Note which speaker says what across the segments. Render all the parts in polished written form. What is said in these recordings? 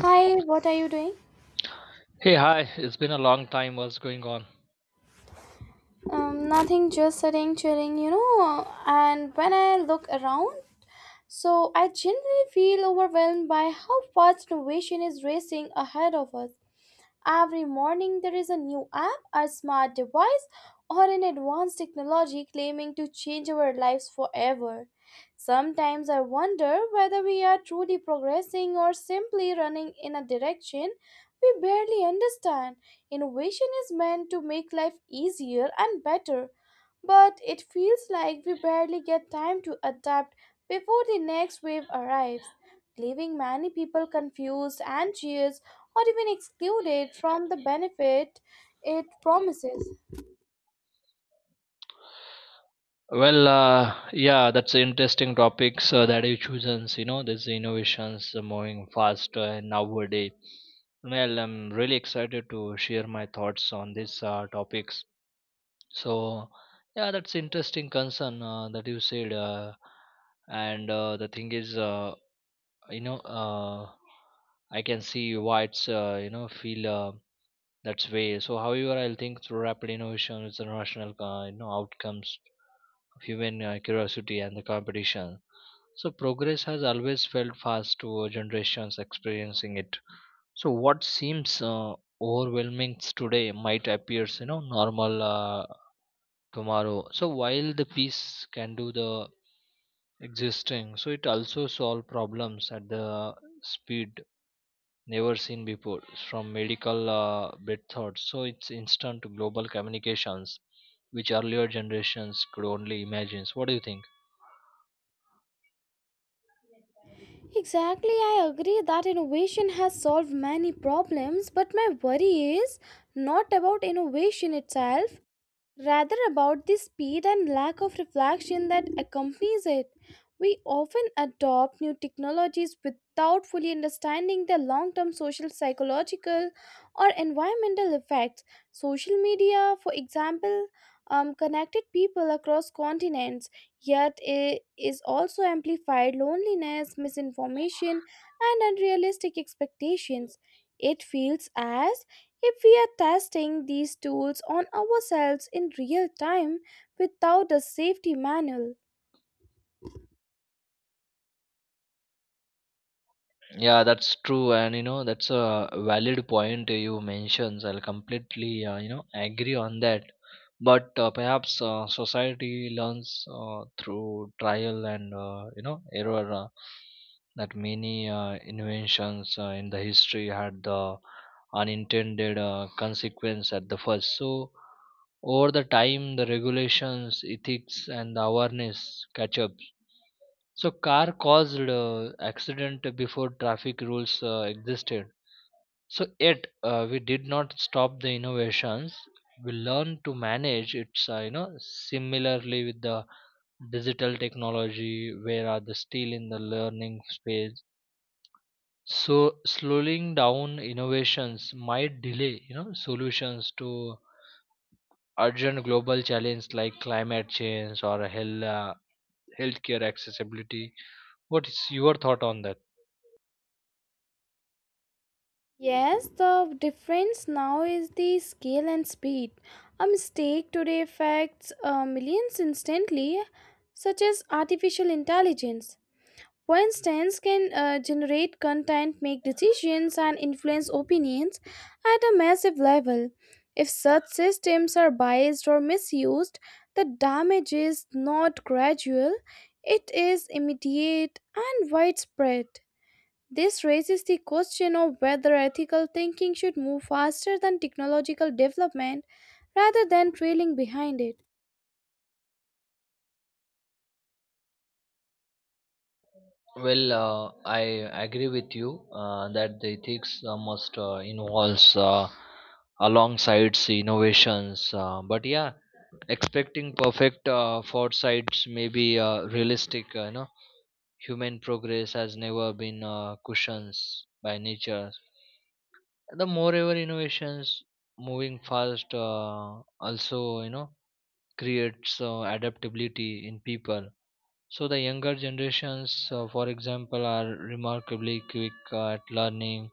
Speaker 1: Hi, what are you doing?
Speaker 2: Hey, hi. It's been a long time. What's going on?
Speaker 1: Nothing, just sitting, chilling, you know. And when I look around, so I generally feel overwhelmed by how fast innovation is racing ahead of us. Every morning, there is a new app, a smart device, or an advanced technology claiming to change our lives forever. Sometimes I wonder whether we are truly progressing or simply running in a direction we barely understand. Innovation is meant to make life easier and better, but it feels like we barely get time to adapt before the next wave arrives, leaving many people confused and cheers or even excluded from the benefit it promises.
Speaker 2: Well, yeah, that's interesting topics that you chosen. These innovations are moving faster and nowadays. Well, I'm really excited to share my thoughts on these topics. So, yeah, that's interesting concern that you said. And the thing is, you know, uh, I can see why it's feel. That's way. So, however, I'll think through rapid innovation is the rational outcomes of human curiosity and the competition. So, progress has always felt fast to generations experiencing it. So, what seems overwhelming today might appear, normal tomorrow. So, while the peace can do the existing, so it also solve problems at the speed never seen before from medical bread thoughts, so it's instant global communications which earlier generations could only imagine. So what do you think?
Speaker 1: Exactly, I agree that innovation has solved many problems, but my worry is not about innovation itself, rather about the speed and lack of reflection that accompanies it. We often adopt new technologies without fully understanding their long term social, psychological, or environmental effects. Social media, for example, connected people across continents, yet it is also amplified loneliness, misinformation, and unrealistic expectations. It feels as if we are testing these tools on ourselves in real time without a safety manual.
Speaker 2: Yeah, that's true, and you know that's a valid point you mentioned. I'll completely agree on that. But perhaps society learns through trial and error, that many inventions in the history had the unintended consequence at the first. So over the time, the regulations, ethics, and the awareness catch up, so car caused accident before traffic rules existed. So yet, we did not stop the innovations. We learned to manage it's similarly with the digital technology where are the still in the learning space. So slowing down innovations might delay, solutions to urgent global challenges like climate change or health, healthcare accessibility. What is your thought on that?
Speaker 1: Yes, the difference now is the scale and speed. A mistake today affects millions instantly, such as artificial intelligence, for instance, can generate content, make decisions, and influence opinions at a massive level. If such systems are biased or misused, the damage is not gradual, it is immediate and widespread. This raises the question of whether ethical thinking should move faster than technological development rather than trailing behind it.
Speaker 2: Well, I agree with you that the ethics must involves alongside innovations. But yeah, expecting perfect foresights may be realistic. Human progress has never been cushions by nature. The moreover innovations moving fast also creates adaptability in people, so the younger generations, for example, are remarkably quick at learning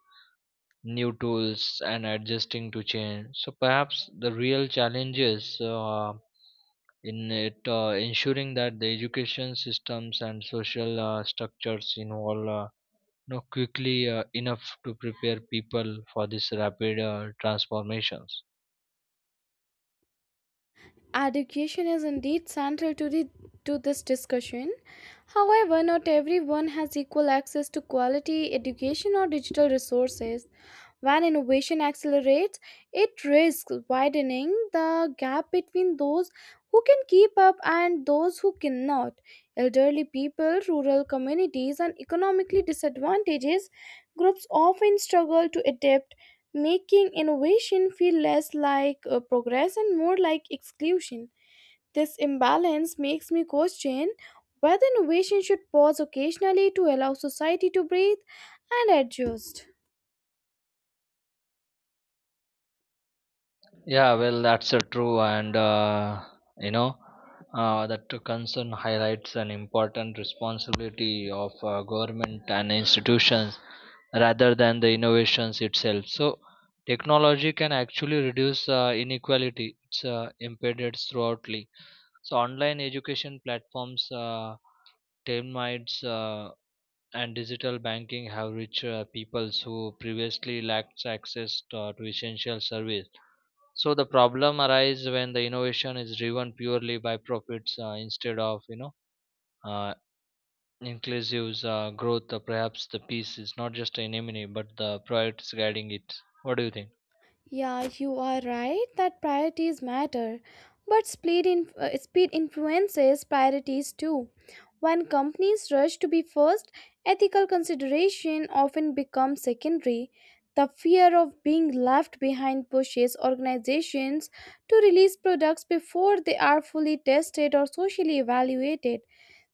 Speaker 2: new tools and adjusting to change. So perhaps the real challenge is in it, ensuring that the education systems and social structures involve, quickly enough to prepare people for these rapid transformations.
Speaker 1: Education is indeed central to this discussion. However, not everyone has equal access to quality education or digital resources. When innovation accelerates, it risks widening the gap between those who can keep up and those who cannot. Elderly people, rural communities, and economically disadvantaged groups often struggle to adapt, making innovation feel less like progress and more like exclusion. This imbalance makes me question whether innovation should pause occasionally to allow society to breathe and adjust.
Speaker 2: Yeah, well, that's true, and you know that concern highlights an important responsibility of government and institutions rather than the innovations itself. So, technology can actually reduce inequality. It's embedded throughoutly. So, online education platforms, termites, and digital banking have reached peoples who previously lacked access to essential service. So the problem arises when the innovation is driven purely by profits, instead of uh, inclusive growth. Perhaps the piece is not just an enemy but the priorities guiding it. What do you think?
Speaker 1: Yeah, you are right that priorities matter, but speed influences priorities too. When companies rush to be first, ethical consideration often becomes secondary. The fear of being left behind pushes organizations to release products before they are fully tested or socially evaluated.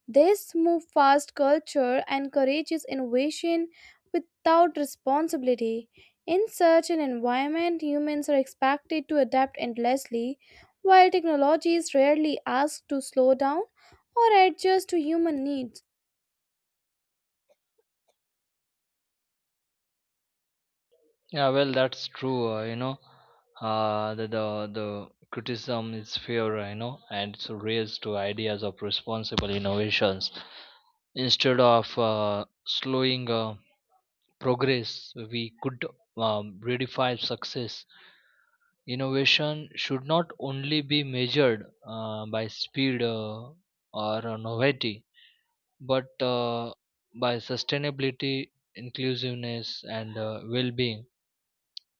Speaker 1: This move fast culture encourages innovation without responsibility. In such an environment, humans are expected to adapt endlessly, while technology is rarely asked to slow down or adjust to human needs.
Speaker 2: Yeah, well, that's true, uh, the, the the criticism is fair, and it's raised to ideas of responsible innovations instead of slowing progress. We could redefine success. Innovation should not only be measured by speed or novelty, but by sustainability, inclusiveness, and well-being.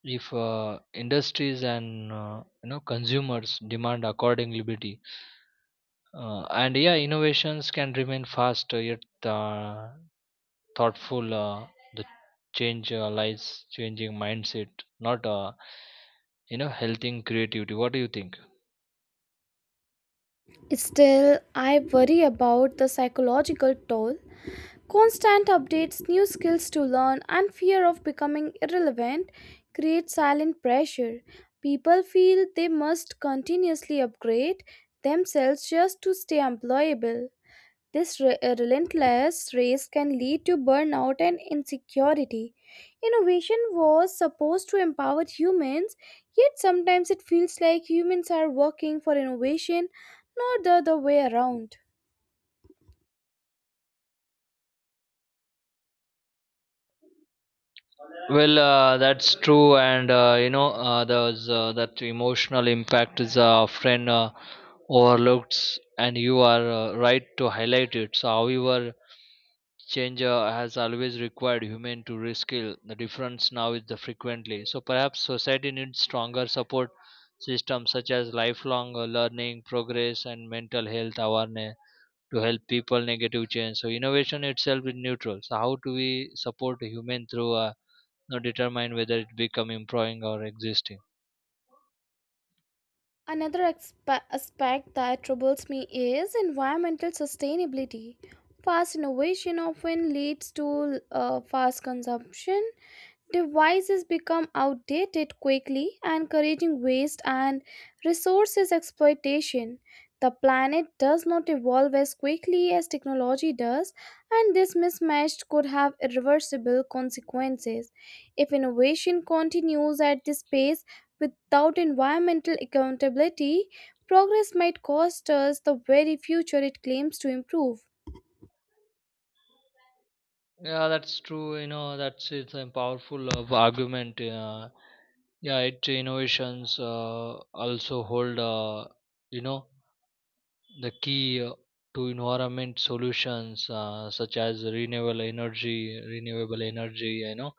Speaker 2: If industries and consumers demand accordingly, and yeah, innovations can remain fast, yet thoughtful. The change lies changing mindset, not healthing creativity. What do you think?
Speaker 1: Still, I worry about the psychological toll. Constant updates, new skills to learn, and fear of becoming irrelevant create silent pressure. People feel they must continuously upgrade themselves just to stay employable. This relentless race can lead to burnout and insecurity. Innovation was supposed to empower humans, yet sometimes it feels like humans are working for innovation, not the other way around.
Speaker 2: Well, that's true, and you know, there's that emotional impact is often overlooked, and you are right to highlight it. So, however, change has always required human to reskill. The difference now is the frequently. So, perhaps society needs stronger support systems such as lifelong learning, progress, and mental health awareness to help people negative change. So, innovation itself is neutral. So, how do we support human through know determine whether it become improving or existing.
Speaker 1: Another aspect that troubles me is environmental sustainability. Fast innovation often leads to fast consumption. Devices become outdated quickly, encouraging waste and resources exploitation. The planet does not evolve as quickly as technology does, and this mismatch could have irreversible consequences. If innovation continues at this pace without environmental accountability, progress might cost us the very future it claims to improve.
Speaker 2: Yeah, that's true, you know that's it's a powerful of argument. Yeah, it innovations also hold, you know the key to environment solutions such as renewable energy, you know,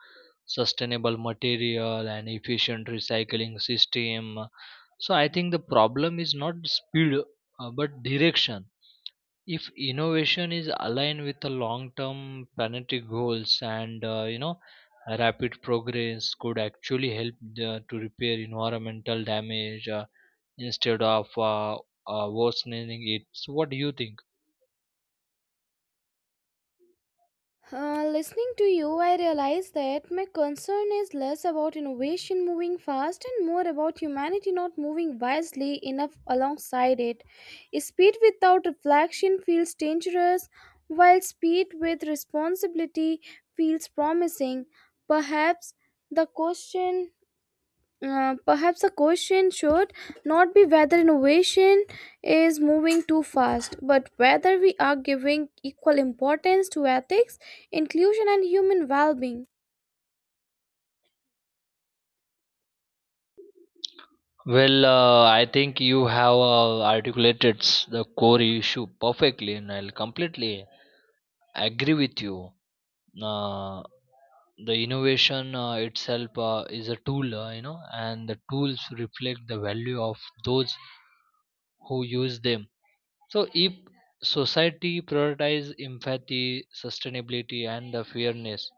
Speaker 2: sustainable material and efficient recycling system. So I think the problem is not speed, but direction. If innovation is aligned with the long-term planetary goals, and rapid progress could actually help to repair environmental damage, instead of worsening it. So what do you think?
Speaker 1: Listening to you, I realize that my concern is less about innovation moving fast and more about humanity not moving wisely enough alongside it. Speed without reflection feels dangerous, while speed with responsibility feels promising. Perhaps the question perhaps the question should not be whether innovation is moving too fast, but whether we are giving equal importance to ethics, inclusion, and human well being.
Speaker 2: Well, I think you have articulated the core issue perfectly, and I'll completely agree with you. Uh, the innovation itself is a tool, and the tools reflect the value of those who use them. So if society prioritize empathy, sustainability, and the fairness,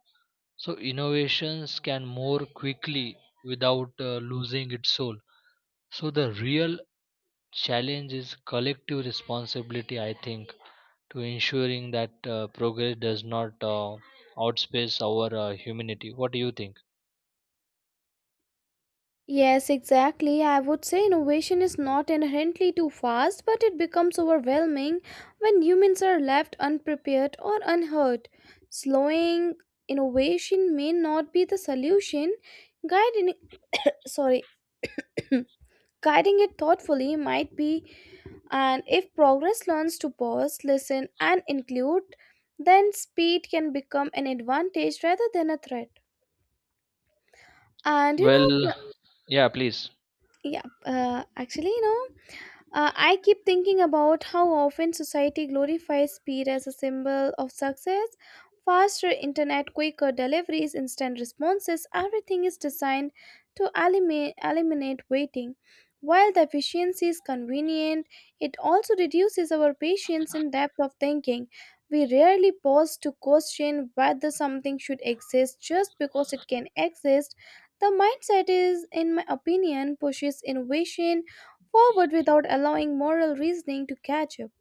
Speaker 2: so innovations can more quickly without losing its soul. So the real challenge is collective responsibility, I think, to ensuring that progress does not outspace our humanity. What do you think?
Speaker 1: Yes, exactly. I would say innovation is not inherently too fast, but it becomes overwhelming when humans are left unprepared or unheard. Slowing innovation may not be the solution. Guiding, sorry, guiding it thoughtfully might be. And if progress learns to pause, listen, and include, then speed can become an advantage rather than a threat. And you know,
Speaker 2: Well, yeah, please.
Speaker 1: yeah, I keep thinking about how often society glorifies speed as a symbol of success. Faster internet, quicker deliveries, instant responses, everything is designed to eliminate waiting. While the efficiency is convenient, it also reduces our patience and depth of thinking. We rarely pause to question whether something should exist just because it can exist. The mindset is, in my opinion, pushes innovation forward without allowing moral reasoning to catch up.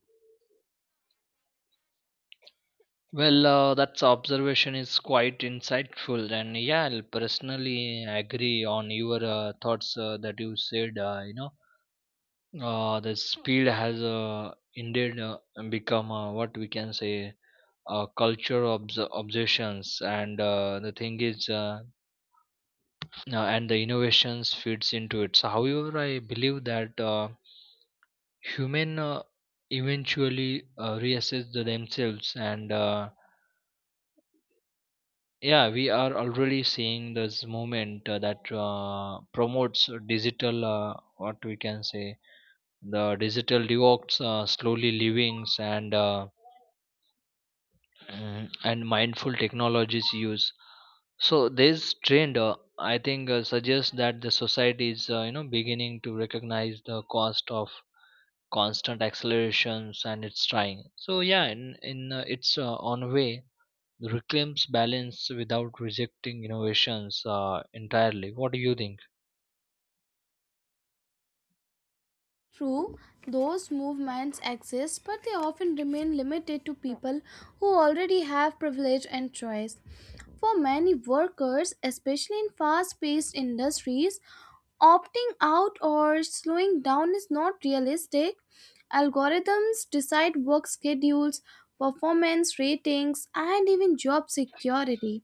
Speaker 2: Well, that observation is quite insightful, and yeah, I'll personally agree on your thoughts that you said. The speed has indeed become what we can say a culture of obsessions, and the thing is. And the innovations fits into it. So, however, I believe that human eventually reassess the themselves, and yeah, we are already seeing this movement that promotes digital. What we can say, the digital devox, slowly livings, and mindful technologies use. So this trend, I think, suggests that the society is, beginning to recognize the cost of constant accelerations, and it's trying. So yeah, in its own way reclaims balance without rejecting innovations entirely. What do you think?
Speaker 1: True, those movements exist, but they often remain limited to people who already have privilege and choice. For many workers, especially in fast paced industries, opting out or slowing down is not realistic. Algorithms decide work schedules, performance ratings, and even job security.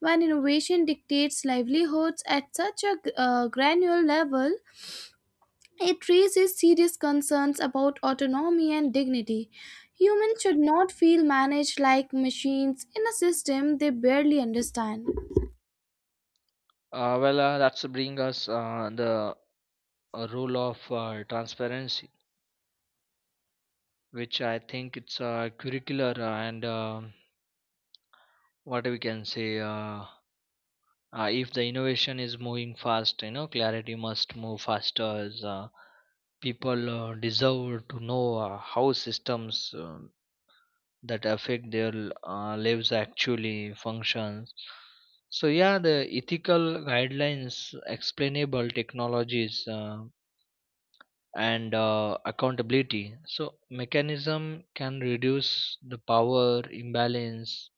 Speaker 1: When innovation dictates livelihoods at such a granular level, it raises serious concerns about autonomy and dignity. Humans should not feel managed like machines in a system they barely understand.
Speaker 2: That's bring us the role of transparency, which I think it's curricular, and what we can say. If the innovation is moving fast, clarity must move faster. As, people deserve to know how systems uh, that affect their lives actually functions. So yeah, the ethical guidelines, explainable technologies, and accountability, so mechanism can reduce the power imbalance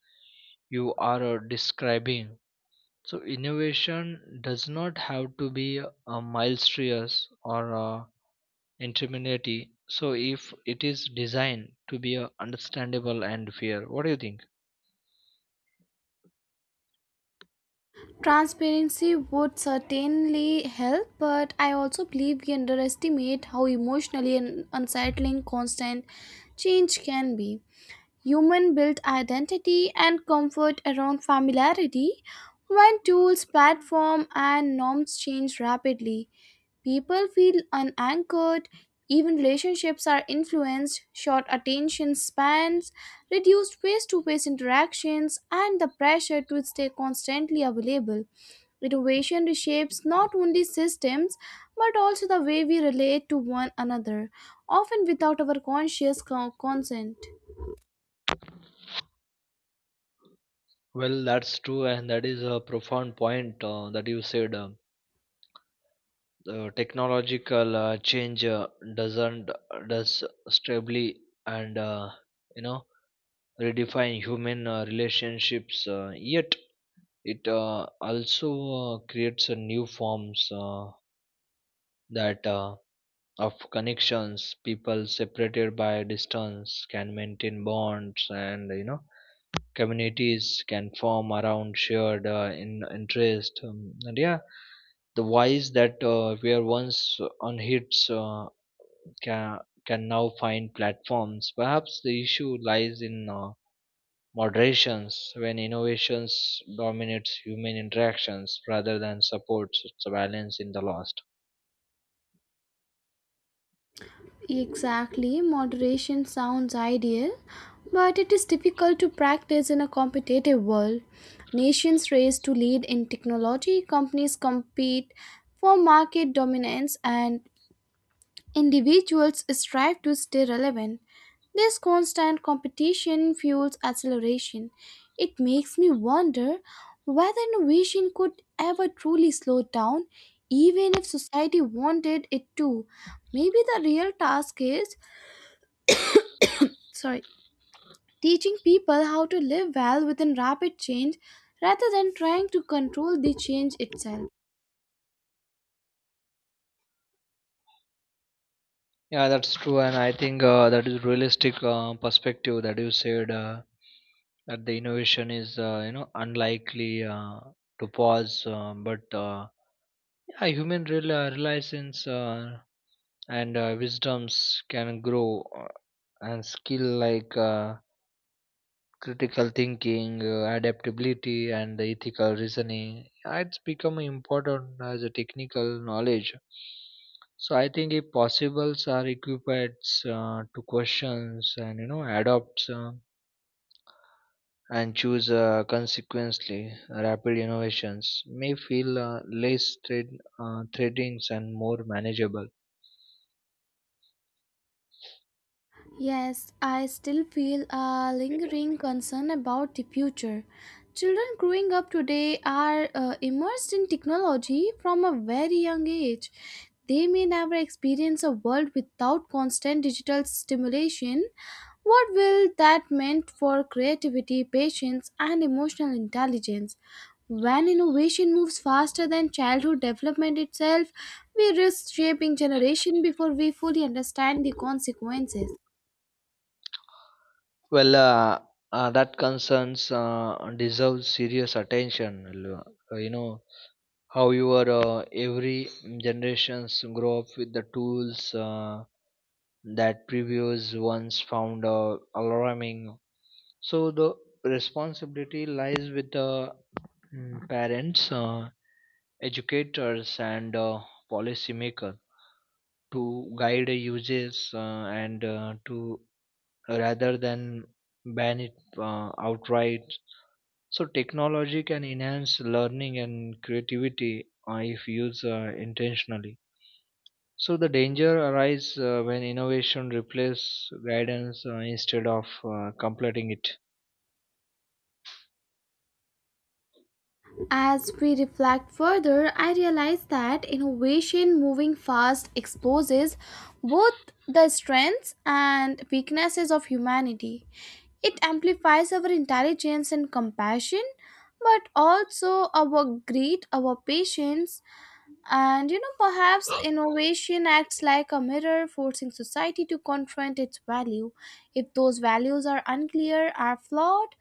Speaker 2: you are describing. So innovation does not have to be a mysterious or interminity. So if it is designed to be understandable and fair. What do you think?
Speaker 1: Transparency would certainly help, but I also believe we underestimate how emotionally and unsettling constant change can be. Human built identity and comfort around familiarity. When tools, platform, and norms change rapidly, people feel unanchored. Even relationships are influenced, short attention spans, reduced face to face interactions, and the pressure to stay constantly available. Innovation reshapes not only systems but also the way we relate to one another, often without our consent.
Speaker 2: Well, that's true, and that is a profound point that you said. Technological change doesn't does stably and you know redefine human relationships. Yet it also creates a new forms that of connections. People separated by distance can maintain bonds, and you know, communities can form around shared, in interest. And yeah, the wise that were once on hits can, can now find platforms. Perhaps the issue lies in moderations when innovations dominates human interactions rather than supports its balance in the lost.
Speaker 1: Exactly, moderation sounds ideal, but it is difficult to practice in a competitive world. Nations race to lead in technology, companies compete for market dominance, and individuals strive to stay relevant. This constant competition fuels acceleration. It makes me wonder whether innovation could ever truly slow down, even if society wanted it to. Maybe the real task is, sorry, teaching people how to live well within rapid change rather than trying to control the change itself.
Speaker 2: Yeah, that's true, and I think that is realistic perspective that you said, that the innovation is unlikely to pause, but yeah, human realizations. And wisdoms can grow, and skill like critical thinking, adaptability, and the ethical reasoning it's become important as a technical knowledge. So I think if possibles are equipped to questions and you know adopts, and choose consequently rapid innovations may feel less threatings and more manageable.
Speaker 1: Yes, I still feel a lingering concern about the future. Children growing up today are immersed in technology from a very young age. They may never experience a world without constant digital stimulation. What will that meant for creativity, patience, and emotional intelligence? When innovation moves faster than childhood development itself, we risk shaping generation before we fully understand the consequences.
Speaker 2: Well, that concerns deserve serious attention. You know how your every generations grow up with the tools that previous ones found alarming. So the responsibility lies with the parents, educators, and policymakers to guide the uses, and to rather than ban it outright. So technology can enhance learning and creativity if used intentionally. So the danger arises when innovation replaces guidance instead of completing it.
Speaker 1: As we reflect further, I realize that innovation moving fast exposes both the strengths and weaknesses of humanity. It amplifies our intelligence and compassion, but also our greed, our patience, and you know, perhaps innovation acts like a mirror, forcing society to confront its value. If those values are unclear, or flawed,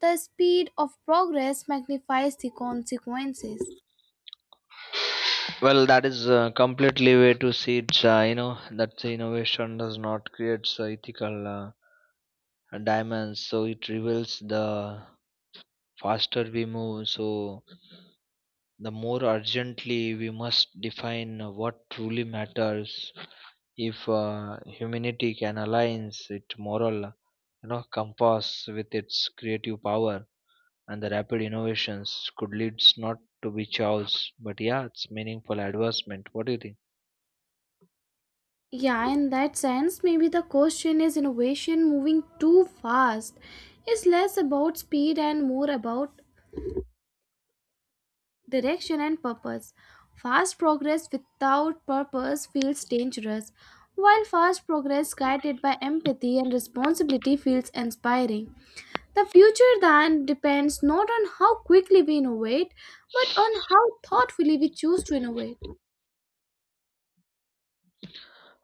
Speaker 1: the speed of progress magnifies the consequences.
Speaker 2: Well, that is completely way to see it. You know that the innovation does not create ethical diamonds, so it reveals the faster we move. So the more urgently we must define what truly matters, if humanity can align its moral, compass with its creative power, and the rapid innovations could lead not to be chaos but yeah it's meaningful advancement. What do you think?
Speaker 1: Yeah, in that sense, maybe the question is innovation moving too fast is less about speed and more about direction and purpose. Fast progress without purpose feels dangerous, while fast progress guided by empathy and responsibility feels inspiring. The future then depends not on how quickly we innovate, but on how thoughtfully we choose to innovate.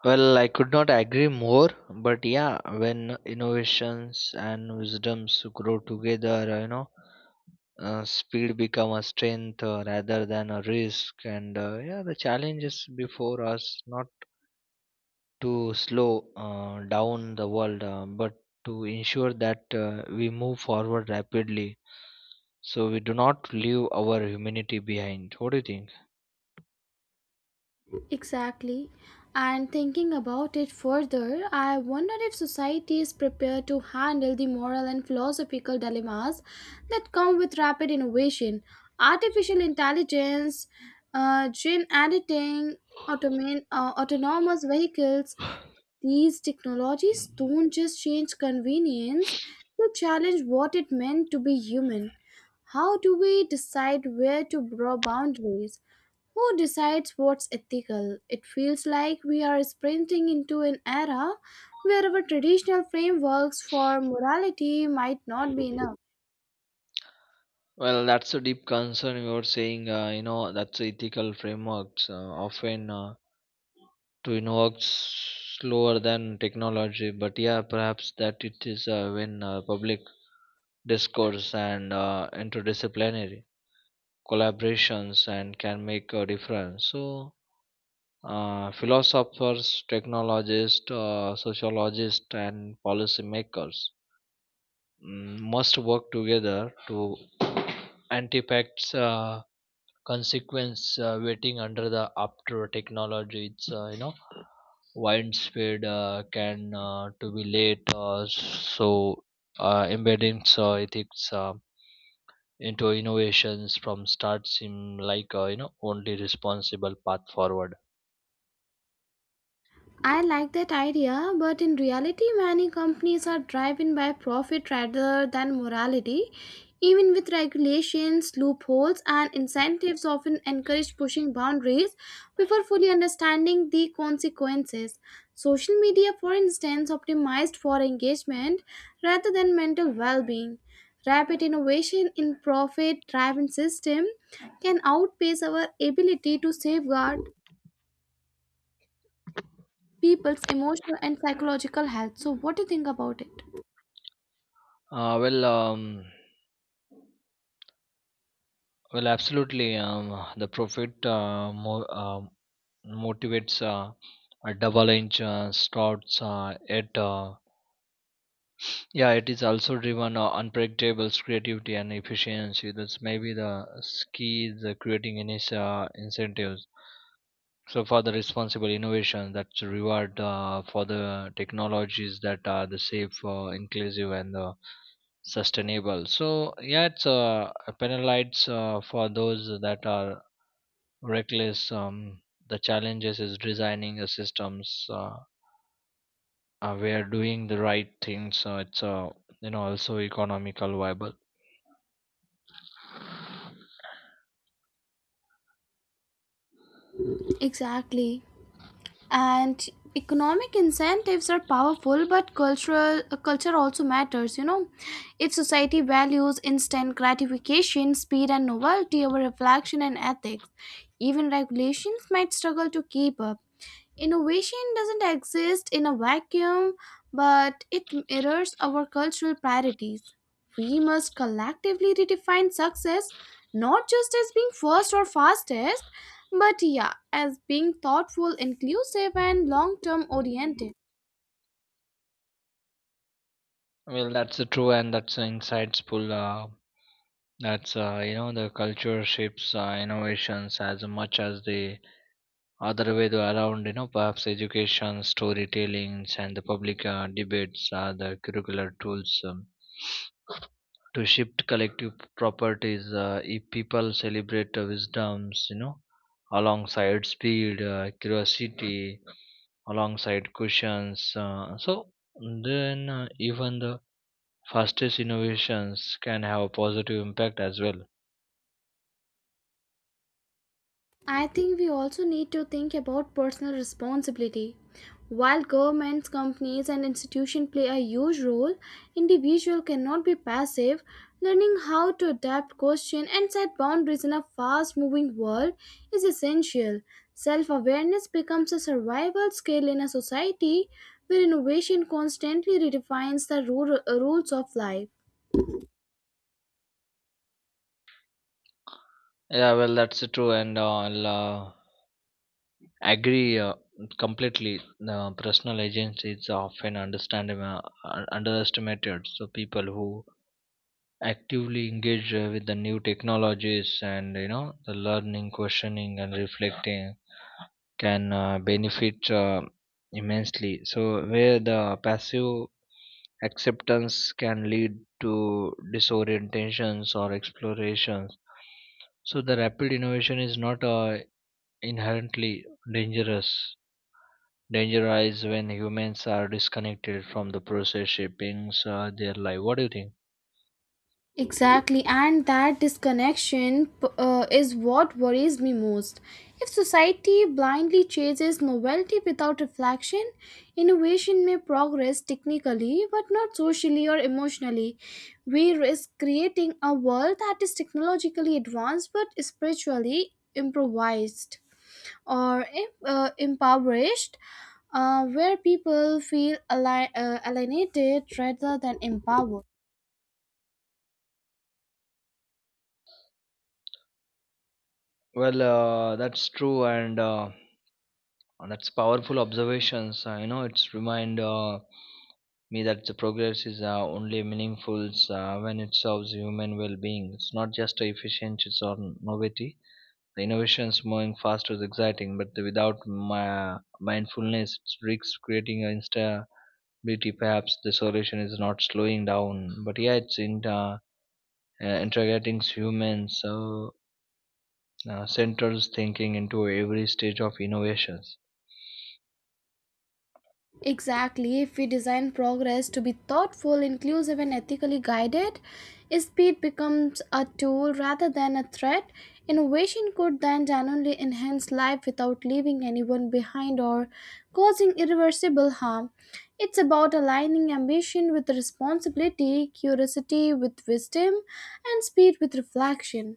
Speaker 2: Well, I could not agree more, but yeah, when innovations and wisdoms grow together, speed become a strength rather than a risk. And yeah, the challenge is before us not to slow down the world, but to ensure that we move forward rapidly. So we do not leave our humanity behind. What do you think?
Speaker 1: Exactly. And thinking about it further, I wonder if society is prepared to handle the moral and philosophical dilemmas that come with rapid innovation. Artificial intelligence, gene editing, autonomous vehicles, these technologies don't just change convenience, they challenge what it meant to be human. How do we decide where to draw boundaries? Who decides what's ethical? It feels like we are sprinting into an era where our traditional frameworks for morality might not be enough.
Speaker 2: Well, that's a deep concern. You were saying, that's ethical frameworks often. To innovate slower than technology, but yeah perhaps that it is when public discourse and interdisciplinary collaborations and can make a difference. So philosophers, technologists, sociologists, and policymakers must work together to antifacts consequence waiting under the after technology it's widespread can to be late, so embedding ethics into innovations from start seem like only responsible path forward.
Speaker 1: I like that idea, but in reality, many companies are driven by profit rather than morality. Even with regulations, loopholes, and incentives, often encourage pushing boundaries before fully understanding the consequences. Social media, for instance, optimized for engagement rather than mental well being. Rapid innovation in profit driven system can outpace our ability to safeguard people's emotional and psychological health. So, what do you think about it?
Speaker 2: Uh, well um, well, absolutely, the profit motivates a double inch starts at. Yeah it is also driven unpredictable creativity and efficiency. That's maybe the key is creating any incentives. So for the responsible innovation, that's a reward for the technologies that are the safe, inclusive, and sustainable. So yeah, it's penalized for those that are reckless. The challenges is designing the systems, where doing the right things. So it's also economical viable.
Speaker 1: Exactly. And economic incentives are powerful, but cultural culture also matters. You know, if society values instant gratification, speed, and novelty over reflection and ethics, even regulations might struggle to keep up. Innovation doesn't exist in a vacuum, but it mirrors our cultural priorities. We must collectively redefine success not just as being first or fastest, but yeah, as being thoughtful, inclusive, and long term oriented.
Speaker 2: Well, that's true, and that's insightful. That's you know the culture shapes innovations as much as the other way to around. Perhaps education, storytelling, and the public debates are the curricular tools, to shift collective properties. If people celebrate wisdoms, alongside speed, curiosity, alongside questions, so then even the fastest innovations can have a positive impact as well.
Speaker 1: I think we also need to think about personal responsibility. While governments, companies, and institutions play a huge role, individuals cannot be passive. Learning how to adapt, question, and set boundaries in a fast moving world is essential. Self awareness becomes a survival skill in a society where innovation constantly redefines the rules of life.
Speaker 2: Yeah, well, that's true, and I'll agree completely. Personal agency is often underestimated. So people who actively engage with the new technologies, and you know the learning, questioning, and reflecting can benefit immensely. So where the passive acceptance can lead to disorientations or explorations. So the rapid innovation is not inherently dangerous. Danger arises when humans are disconnected from the process shaping their life. What do you think?
Speaker 1: Exactly, and that is what worries me most. If society blindly chases novelty without reflection, innovation may progress technically but not socially or emotionally. We risk creating a world that is technologically advanced but spiritually improvised or impoverished, where people feel alienated rather than empowered.
Speaker 2: Well, that's true, and that's powerful observations. It's remind me that the progress is only meaningful when it serves human well-being. It's not just efficiency or novelty. The innovations moving fast is exciting, but without my mindfulness, it risks creating an insta. Maybe perhaps the solution is not slowing down, but yeah it's in, integrating humans, so central thinking into every stage of innovations.
Speaker 1: Exactly, if we design progress to be thoughtful, inclusive, and ethically guided, speed becomes a tool rather than a threat. Innovation could then genuinely enhance life without leaving anyone behind or causing irreversible harm. It's about aligning ambition with responsibility, curiosity with wisdom, and speed with reflection.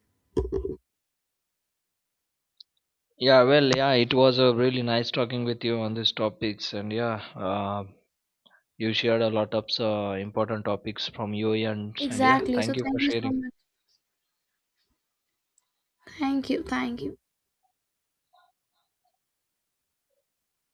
Speaker 2: Yeah, well, yeah, it was a really nice talking with you on these topics. And yeah, you shared a lot of important topics from your end. And yeah,
Speaker 1: Exactly, so
Speaker 2: thank you for
Speaker 1: thank you so
Speaker 2: sharing.
Speaker 1: much. Thank you, thank you.